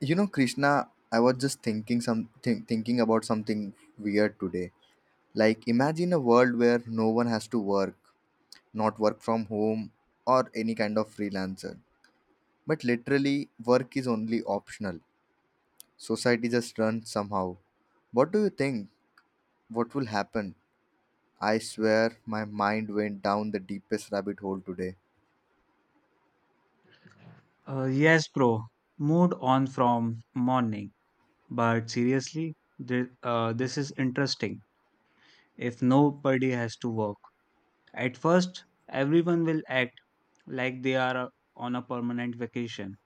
You know, Krishna, I was just thinking about something weird today. Like imagine a world where no one has to work, not work from home or any kind of freelancer. But literally work is only optional. Society just runs somehow. What do you think? What will happen? I swear my mind went down the deepest rabbit hole today. Yes, bro. Moved on from morning. But seriously, this is interesting. If nobody has to work, at first, everyone will act like they are on a permanent vacation.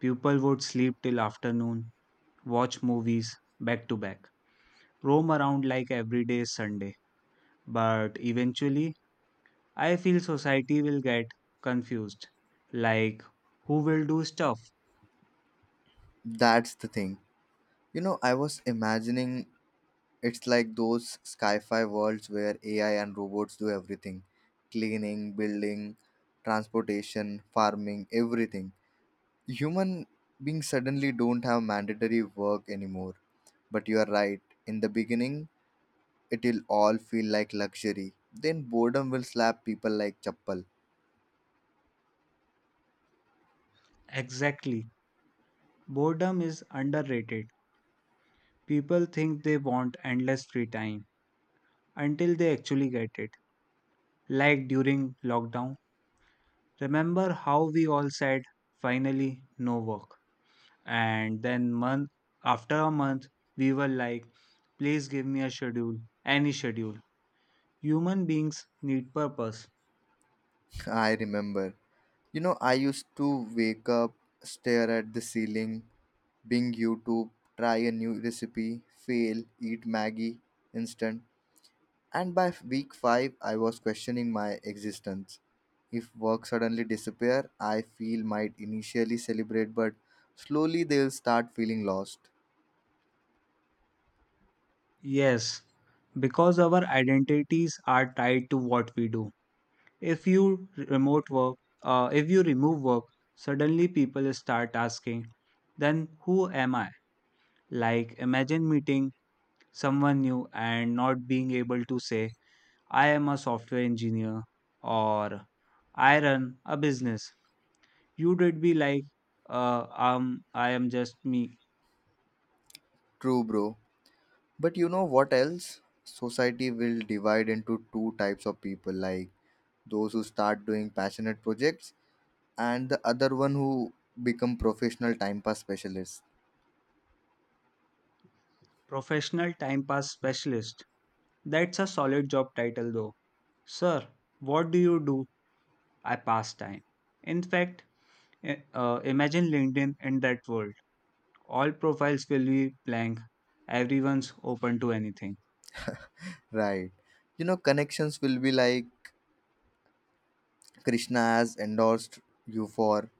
People would sleep till afternoon, watch movies back to back, roam around like every day is Sunday. But eventually, I feel society will get confused. Like, who will do stuff? That's the thing. You know, I was imagining, it's like those sci fi worlds where AI and robots do everything, cleaning, building, transportation, farming, everything. Human beings suddenly don't have mandatory work anymore. But you are right, in the beginning, it'll all feel like luxury. Then boredom will slap people like chappal. Exactly. Boredom is underrated. People think they want endless free time until they actually get it. Like during lockdown, remember how we all said, finally, no work. And then, month after a month, we were like, please give me a schedule, any schedule. Human beings need purpose. I remember. You know, I used to wake up, stare at the ceiling, Bing YouTube, try a new recipe, fail, eat Maggie instant, and by week 5 I was questioning my existence. If work suddenly disappear, I feel might initially celebrate but slowly they'll start feeling lost. Yes, because our identities are tied to what we do. If you remote work, if you remove work, suddenly people start asking, then who am I? Like, imagine meeting someone new and not being able to say, I am a software engineer or I run a business. You would be like, I am just me, True bro. But you know what else? Society will divide into two types of people, like those who start doing passionate projects and the other one who become professional time pass specialist. professional time pass specialist. That's a solid job title though. Sir, what do you do? I pass time. In fact, imagine LinkedIn in that world. All profiles will be blank. Everyone's open to anything. Right, you know, connections will be like, Krishna has endorsed you for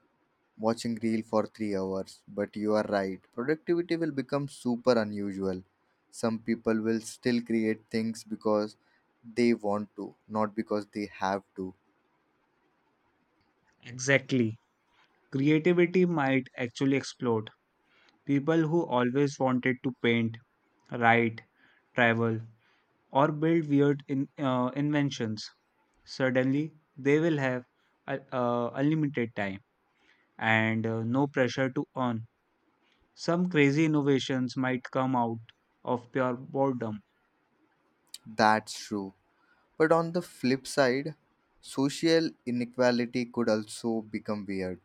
watching reel for 3 hours. But you are right, productivity will become super unusual. Some people will still create things because they want to, not because they have to. Exactly. Creativity might actually explode. People who always wanted to paint, write, travel, or build weird inventions, suddenly they will have uh, unlimited time and no pressure to earn. Some crazy innovations might come out of pure boredom, That's true. But on the flip side, social inequality could also become weird.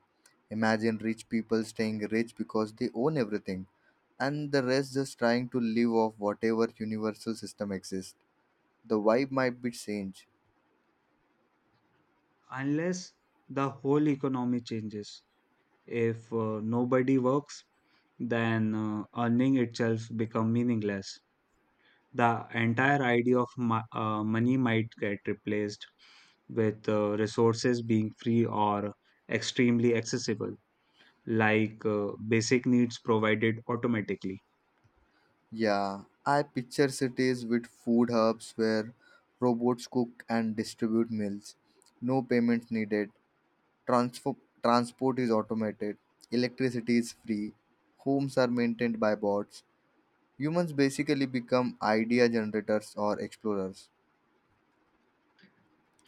Imagine rich people staying rich because they own everything, and the rest just trying to live off whatever universal system exists. The vibe might be strange. unless the whole economy changes. If nobody works, then earning itself become meaningless. The entire idea of money might get replaced with resources being free or extremely accessible, like basic needs provided automatically. Yeah, I picture cities with food hubs where robots cook and distribute meals. No payments needed. Transport is automated. Electricity is free. Homes are maintained by bots. Humans basically become idea generators or explorers.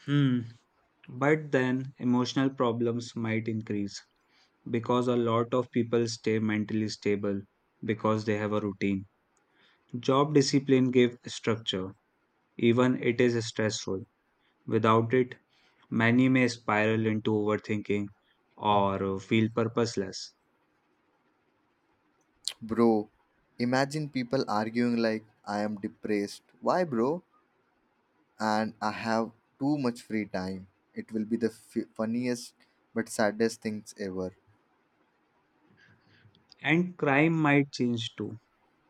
Hmm. But then emotional problems might increase, because a lot of people stay mentally stable because they have a routine. Job discipline give structure, even it is stressful. Without it, many may spiral into overthinking or feel purposeless. Bro, imagine people arguing like, I am depressed. Why, bro? And I have too much free time. It will be the funniest but saddest things ever. And crime might change too.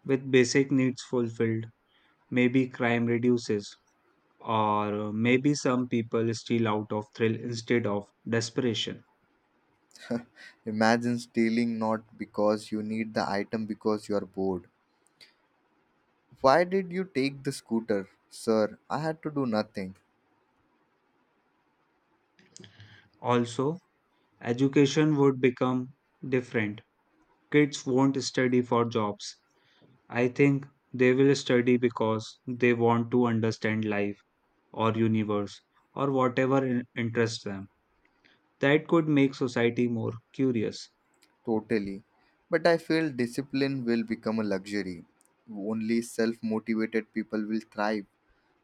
With basic needs fulfilled, maybe crime reduces, or maybe some people steal out of thrill instead of desperation. Imagine stealing not because you need the item, because you are bored. Why did you take the scooter? Sir, I had to do nothing. Also, education would become different. Kids won't study for jobs. I think they will study because they want to understand life or universe or whatever interests them. That could make society more curious. Totally. But I feel discipline will become a luxury. Only self motivated people will thrive.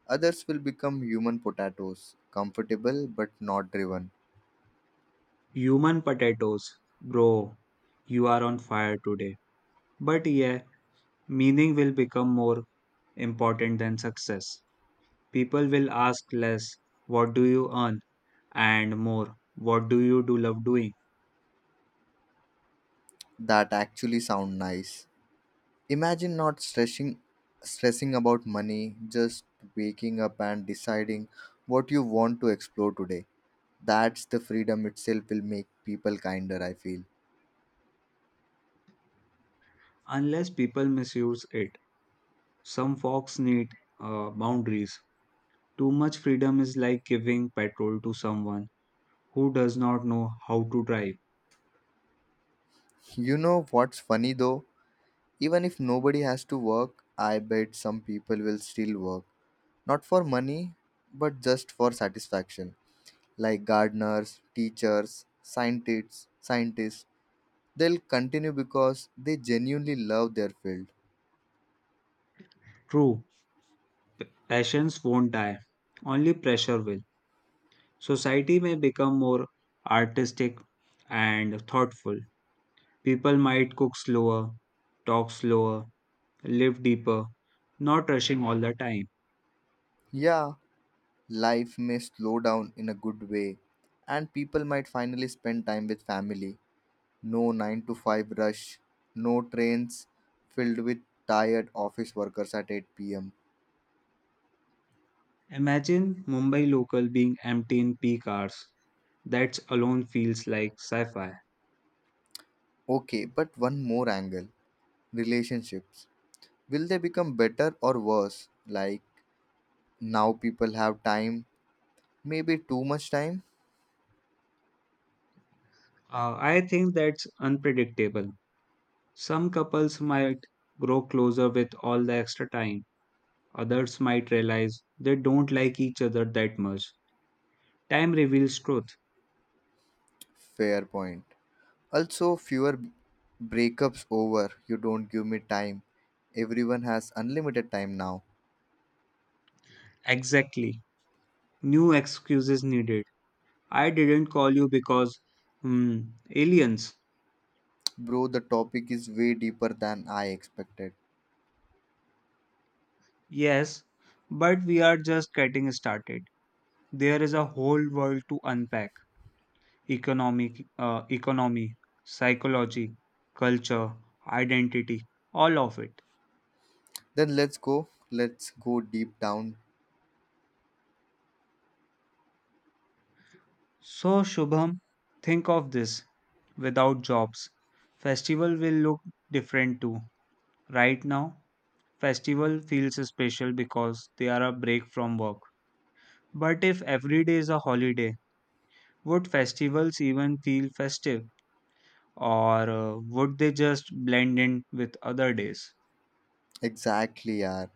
Others will become human potatoes, comfortable but not driven. Human potatoes, bro, you are on fire today. But yeah, meaning will become more important than success. People will ask less, what do you earn? And more, what do you do love doing? That actually sound nice. Imagine not stressing about money, just waking up and deciding what you want to explore today. That's the freedom itself will make people kinder, I feel. Unless people misuse it. Some folks need boundaries. Too much freedom is like giving petrol to someone who does not know how to drive. You know what's funny though? Even if nobody has to work, I bet some people will still work. Not for money, but just for satisfaction, like gardeners, teachers, scientists. They'll continue because they genuinely love their field. True, passions won't die, only pressure will. Society may become more artistic and thoughtful. People might cook slower, talk slower, live deeper, not rushing all the time. Yeah, life may slow down in a good way, and people might finally spend time with family. No 9 to 5 rush, no trains filled with tired office workers at 8 pm. Imagine Mumbai local being empty in peak hours. That alone feels like sci fi. Okay, but one more angle, relationships. Will they become better or worse? Like, now people have time, maybe too much time. I think that's unpredictable. Some couples might grow closer with all the extra time, others might realize they don't like each other that much. Time reveals truth. Fair point. Also, fewer breakups over, you don't give me time. Everyone has unlimited time now. Exactly. New excuses needed. I didn't call you because, hmm, aliens. Bro, the topic is way deeper than I expected. Yes, but we are just getting started. There is a whole world to unpack. Economic economy, psychology, culture, identity, all of it. Then let's go. Let's go deep down. So Shubham, think of this. Without jobs, festival will look different too. Right now, festival feels special because they are a break from work. But if every day is a holiday, would festivals even feel festive? Or would they just blend in with other days? Exactly, yeah.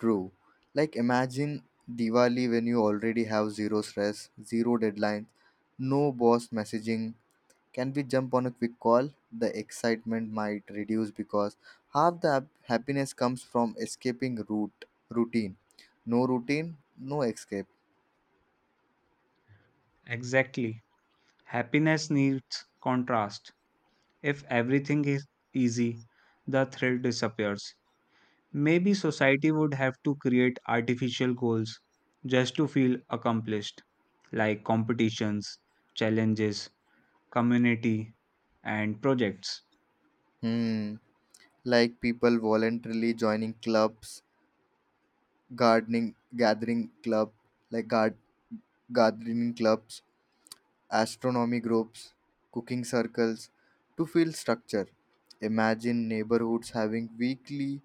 True. Like, imagine Diwali when you already have zero stress, zero deadlines, no boss messaging, can we jump on a quick call? The excitement might reduce because half the happiness comes from escaping root routine. No routine, no escape. Exactly. Happiness needs contrast. If everything is easy, the thrill disappears. Maybe society would have to create artificial goals just to feel accomplished, like competitions, challenges, community, and projects. Hmm. Like people voluntarily joining clubs, gardening, gathering club, like gard, gardening clubs, astronomy groups, cooking circles, to feel structure. Imagine neighborhoods having weekly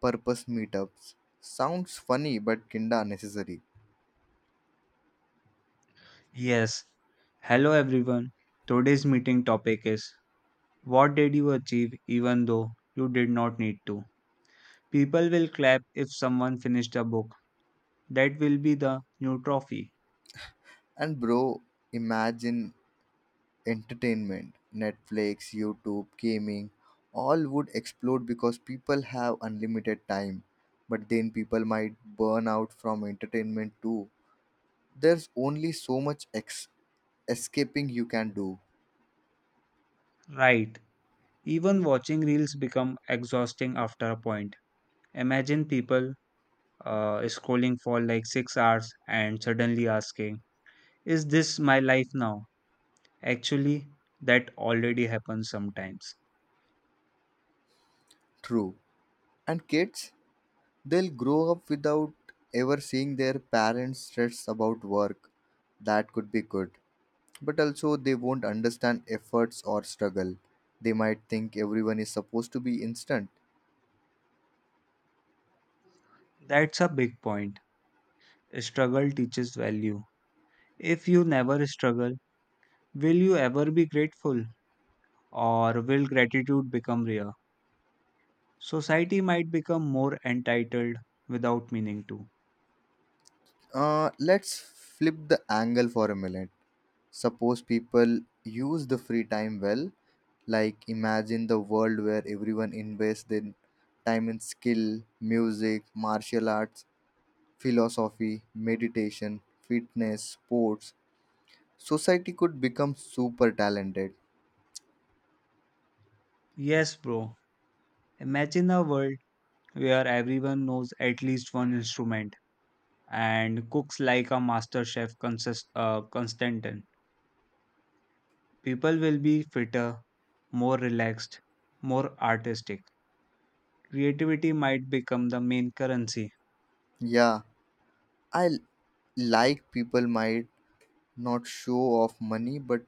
purpose meetups. Sounds funny but kinda unnecessary. Yes. Hello everyone. Today's meeting topic is: What did you achieve even though you did not need to? People will clap if someone finished a book. That will be the new trophy. And bro, imagine entertainment, Netflix, YouTube, gaming, all would explode because people have unlimited time. But then people might burn out from entertainment too. There's only so much escaping you can do. Right. Even watching reels become exhausting after a point. Imagine people scrolling for like 6 hours and suddenly asking, is this my life now? Actually, that already happens sometimes. True. And kids, they'll grow up without ever seeing their parents stress about work. That could be good. But also, they won't understand efforts or struggle. They might think everyone is supposed to be instant. That's a big point. Struggle teaches value. If you never struggle, will you ever be grateful? Or will gratitude become rare? Society might become more entitled without meaning to. Let's flip the angle for a minute. Suppose people use the free time well, like imagine the world where everyone invests their time in skill, music, martial arts, philosophy, meditation, fitness, sports. Society could become super talented. Yes, bro. Imagine a world where everyone knows at least one instrument and cooks like a master chef, Constantin. People will be fitter, more relaxed, more artistic. Creativity might become the main currency. Yeah, I l- like people might not show off money, but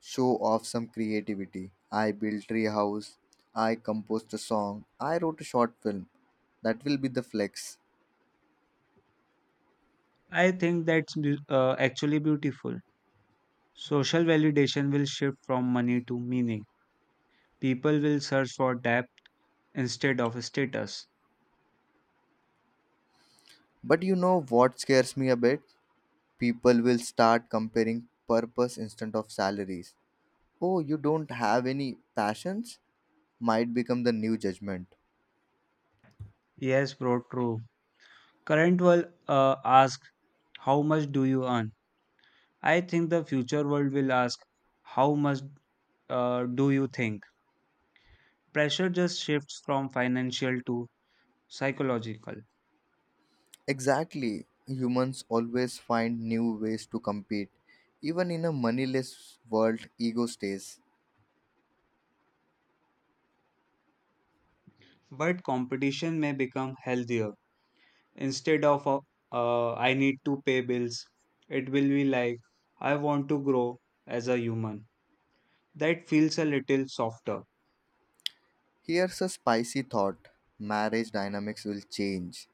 show off some creativity. I built treehouse. I composed a song. I wrote a short film. That will be the flex. I think that's actually beautiful. Social validation will shift from money to meaning. People will search for depth instead of status. But you know what scares me a bit? People will start comparing purpose instead of salaries. Oh, you don't have any passions? Might become the new judgment. Yes, bro, true. Current world ask, how much do you earn? I think the future world will ask, how much do you think? Pressure just shifts from financial to psychological. Exactly. Humans always find new ways to compete. Even in a moneyless world, ego stays. But competition may become healthier. Instead of I need to pay bills, it will be like I want to grow as a human. That feels a little softer. Here's a spicy thought, marriage dynamics will change.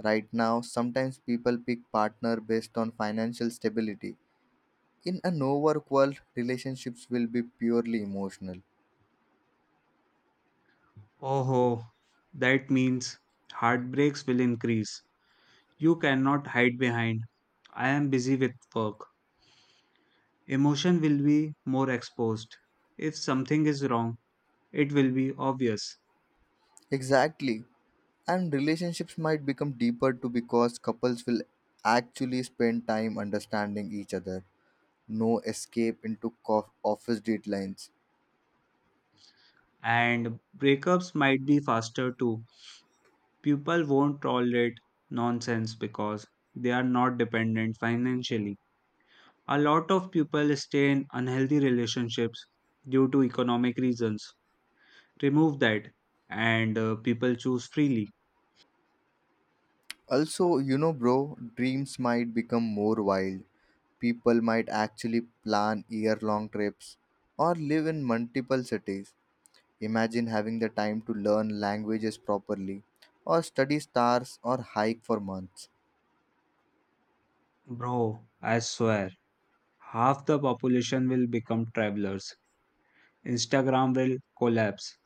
Right now, sometimes people pick partner based on financial stability. In a no work world, relationships will be purely emotional. Oh, that means heartbreaks will increase. You cannot hide behind, I am busy with work. Emotion will be more exposed. If something is wrong, it will be obvious. Exactly. And relationships might become deeper too because couples will actually spend time understanding each other. No escape into co- office deadlines. And breakups might be faster too. People won't tolerate nonsense because they are not dependent financially. A lot of people stay in unhealthy relationships due to economic reasons. Remove that and people choose freely. Also, you know, bro, dreams might become more wild. People might actually plan year long trips or live in multiple cities. Imagine having the time to learn languages properly or study stars or hike for months. Bro, I swear, half the population will become travelers. Instagram will collapse.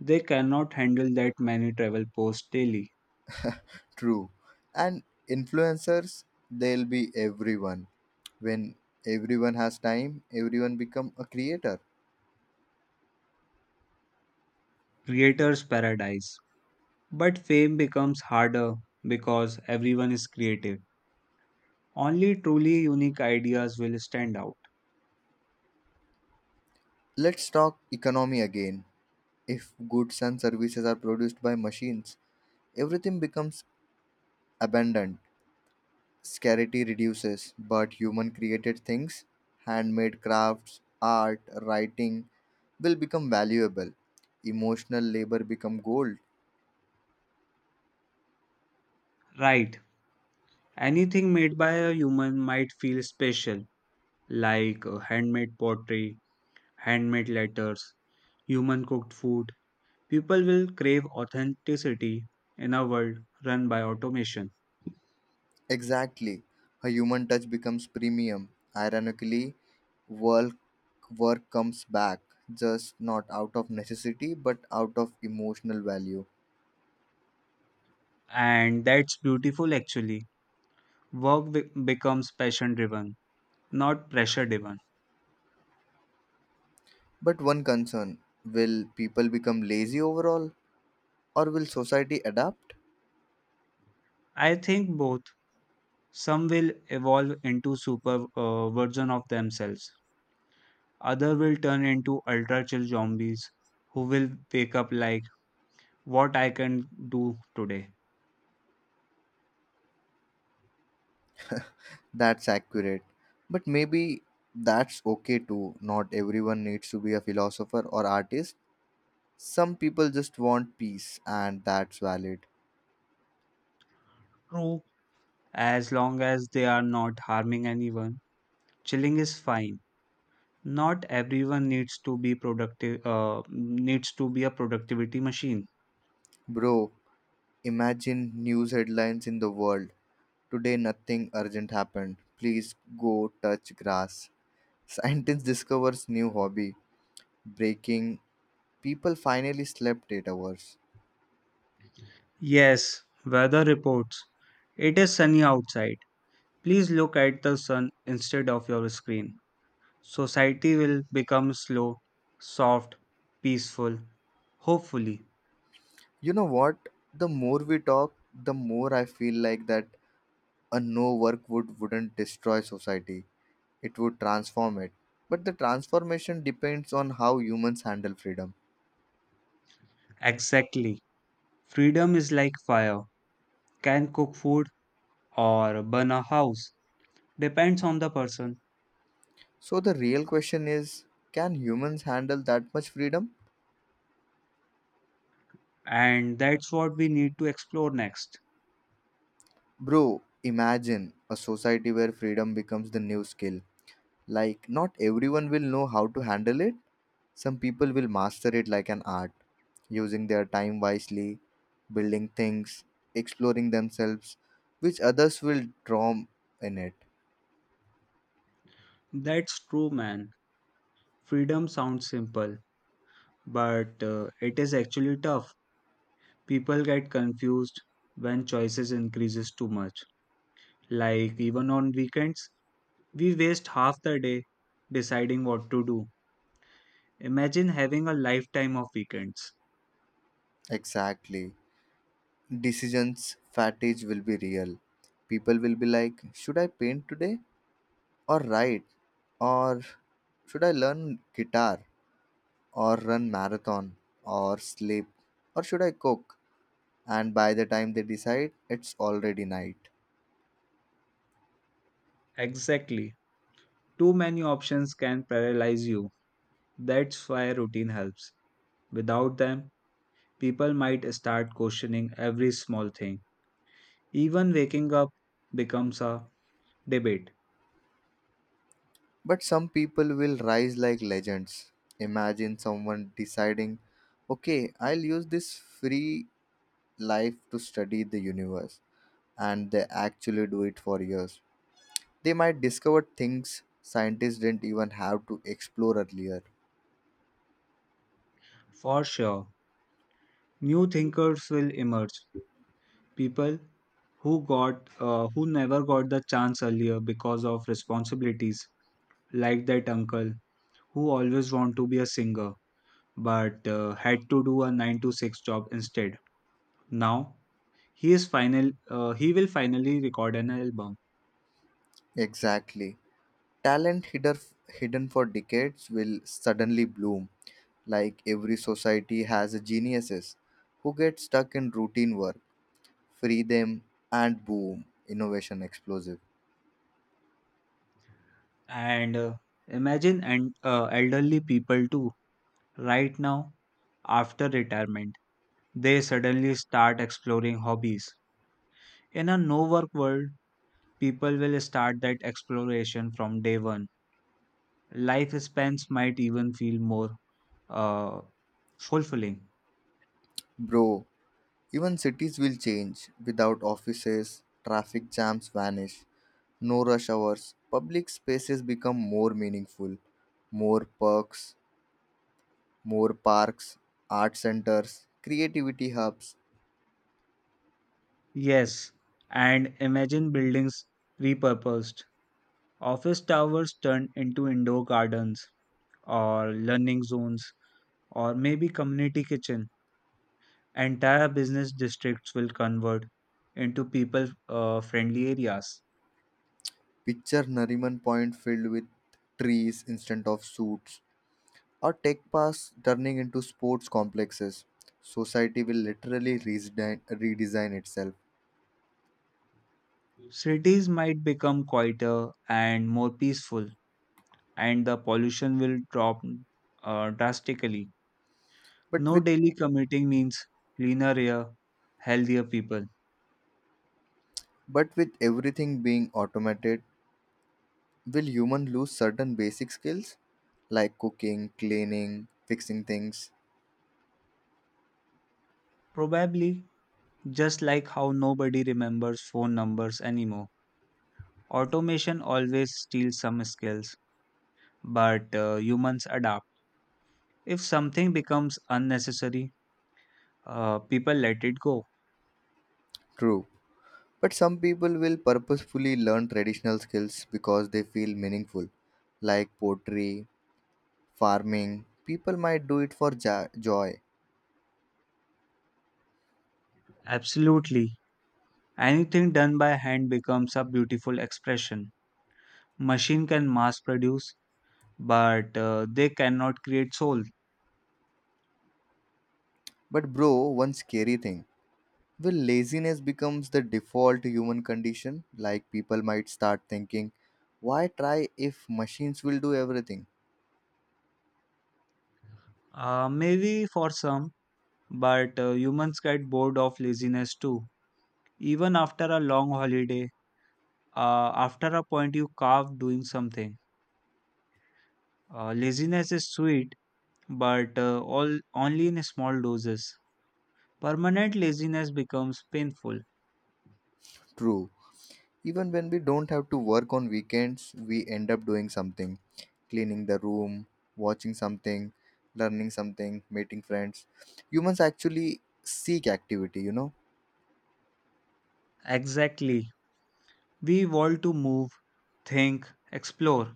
They cannot handle that many travel posts daily. True. And influencers, they'll be everyone. When everyone has time, everyone become a creator. Creators' paradise. But fame becomes harder because everyone is creative. Only truly unique ideas will stand out. Let's talk economy again. If goods and services are produced by machines, everything becomes abundant. Scarcity reduces, but human created things, handmade crafts, art, writing, will become valuable. Emotional labor become gold. Right. Anything made by a human might feel special, like handmade pottery, handmade letters, human cooked food. People will crave authenticity in a world run by automation. Exactly. A human touch becomes premium. Ironically, work work comes back, just not out of necessity but out of emotional value. And that's beautiful actually. Work becomes passion driven, not pressure driven. But one concern, will people become lazy overall or will society adapt? I think both. Some will evolve into super version of themselves. Other will turn into ultra chill zombies who will wake up like, what I can do today. That's accurate. But maybe that's okay too. Not everyone needs to be a philosopher or artist. Some people just want peace, and that's valid. True, as long as they are not harming anyone, chilling is fine. Not everyone needs to be a productivity machine. Bro, imagine news headlines in the world. Today, nothing urgent happened. Please go touch grass. Scientist discovers new hobby. Breaking. People finally slept 8 hours. Yes, weather reports. It is sunny outside. Please look at the sun instead of your screen. Society will become slow, soft, peaceful, hopefully. You know what? The more we talk, the more I feel like that a no work wouldn't destroy society, it would transform it. But the transformation depends on how humans handle freedom. Exactly. Freedom is like fire. Can cook food or burn a house. Depends on the person. So the real question is, can humans handle that much freedom? And that's what we need to explore next. Bro, imagine a society where freedom becomes the new skill. Like, not everyone will know how to handle it. Some people will master it like an art, using their time wisely, building things, exploring themselves, which others will drown in it. That's true, man. Freedom sounds simple, but it is actually tough. People get confused when choices increases too much. Like even on weekends, we waste half the day deciding what to do. Imagine having a lifetime of weekends. Exactly. Decisions fatigue will be real. People will be like, should I paint today or write? Or should I learn guitar or run marathon or sleep? Or should I cook? And by the time they decide, it's already night. Exactly. Too many options can paralyze you. That's why routine helps. Without them, people might start questioning every small thing. Even waking up becomes a debate. But some people will rise like legends. Imagine someone deciding, okay, I'll use this free life to study the universe. And they actually do it for years. They might discover things scientists didn't even have to explore earlier. For sure, new thinkers will emerge. People who never got the chance earlier because of responsibilities, like that uncle who always wanted to be a singer but had to do a 9 to 6 job instead. Now he will finally record an album. Exactly. Talent hidden for decades will suddenly bloom, like every society has a geniuses who get stuck in routine work. Free them, and boom, innovation explosive. And uh, imagine and uh, elderly people too, right now after retirement they suddenly start exploring hobbies. In a no work world, people will start that exploration from day one. Life spans might even feel more uh, fulfilling. Bro, even cities will change without offices, traffic jams vanish, no rush hours, public spaces become more meaningful, more perks, more parks, art centers, creativity hubs. Yes, and imagine buildings repurposed. Office towers turned into indoor gardens or learning zones or maybe community kitchen. Entire business districts will convert into people friendly areas. Picture Nariman Point filled with trees instead of suits, or tech parks turning into sports complexes. Society will literally redesign itself. Cities might become quieter and more peaceful, and the pollution will drop drastically. But No with daily commuting means cleaner air, healthier people. but with everything being automated, will human lose certain basic skills like cooking, cleaning, fixing things? Probably, just like how nobody remembers phone numbers anymore. Automation always steals some skills, but humans adapt. If something becomes unnecessary, people let it go. True. But some people will purposefully learn traditional skills because they feel meaningful, like pottery, farming. People might do it for joy. Absolutely. Anything done by hand becomes a beautiful expression. Machine can mass produce, but they cannot create soul. But, bro, one scary thing, will laziness becomes the default human condition, like people might start thinking, why try if machines will do everything? Maybe for some, but humans get bored of laziness too. Even after a long holiday, after a point you carve doing something. Laziness is sweet, but all only in small doses. Permanent laziness becomes painful. True, even when we don't have to work on weekends we end up doing something, cleaning the room, watching something, learning something, meeting friends. Humans actually seek activity, you know. Exactly. We want to move, think, explore.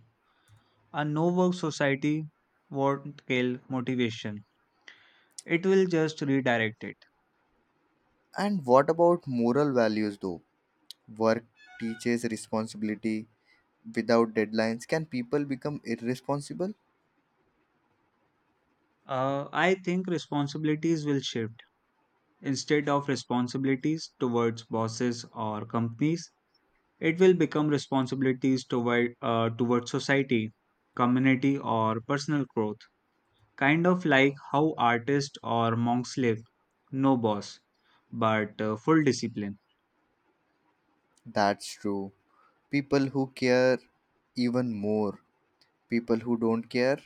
A no-work society won't kill motivation. It will just redirect it. And what about moral values though? Work teaches responsibility without deadlines. Can people become irresponsible? I think responsibilities will shift. Instead of responsibilities towards bosses or companies, it will become responsibilities towards society, community, or personal growth. Kind of like how artists or monks live, no boss, but full discipline. That's true. People who care even more. People who don't care,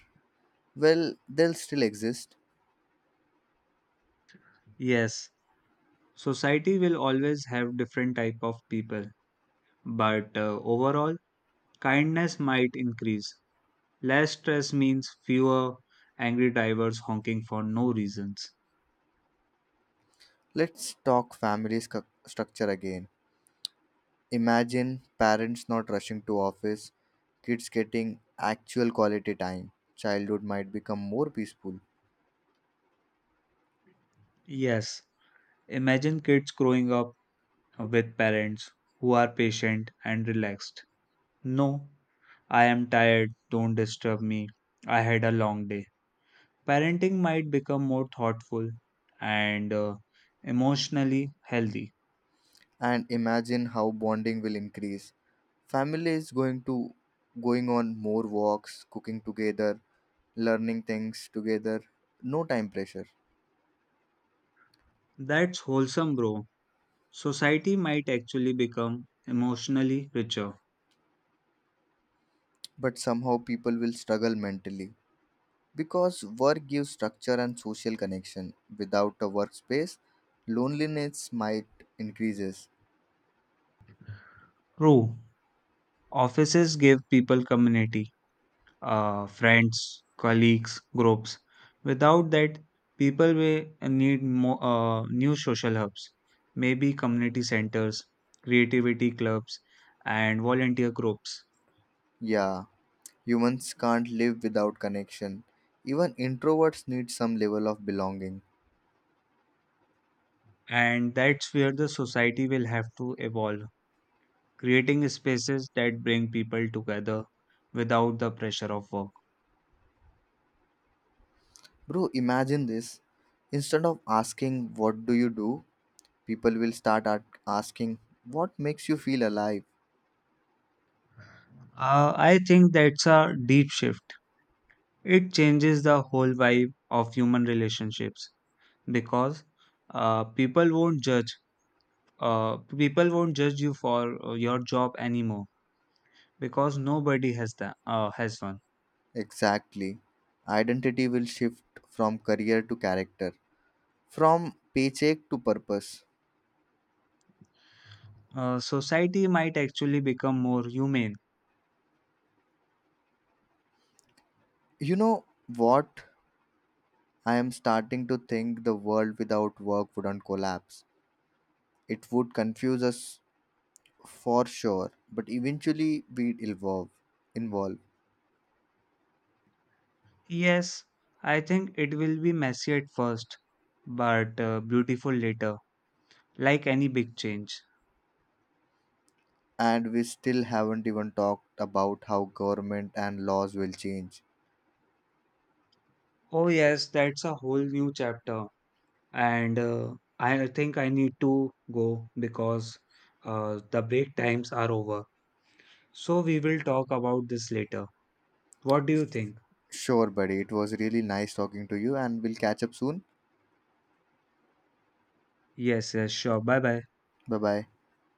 well, they'll still exist. Yes, society will always have different type of people, but overall, kindness might increase. Less stress means fewer angry drivers honking for no reasons. Let's talk family scu- structure again. Imagine parents not rushing to office, kids getting actual quality time, childhood might become more peaceful. Yes. Imagine kids growing up with parents who are patient and relaxed. No, I am tired, don't disturb me. I had a long day. Parenting might become more thoughtful and emotionally healthy. And imagine how bonding will increase. Family is going on more walks, cooking together, learning things together. No time pressure. That's wholesome, bro. Society might actually become emotionally richer. But somehow people will struggle mentally because work gives structure and social connection. Without a workspace, loneliness might increases. True, offices give people community, friends, colleagues, groups. Without that, people will need new social hubs, maybe community centers, creativity clubs, and volunteer groups. Yeah, humans can't live without connection. Even introverts need some level of belonging. And that's where the society will have to evolve, creating spaces that bring people together without the pressure of work. Bro, imagine this. Instead of asking, what do you do? People will start at asking, what makes you feel alive? I think that's a deep shift. It changes the whole vibe of human relationships because uh, people won't judge people won't judge you for your job anymore, because nobody has one. Exactly. Identity will shift from career to character, from paycheck to purpose. Society might actually become more humane. You know what? I am starting to think the world without work wouldn't collapse. It would confuse us for sure, but eventually we'd evolve involve Yes, I think it will be messy at first, but beautiful later, like any big change. And we still haven't even talked about how government and laws will change. Oh yes, that's a whole new chapter. And I think I need to go, because the break times are over. So we will talk about this later. What do you think? Sure buddy, it was really nice talking to you and we'll catch up soon. Yes, yes, sure. Bye bye. Bye bye.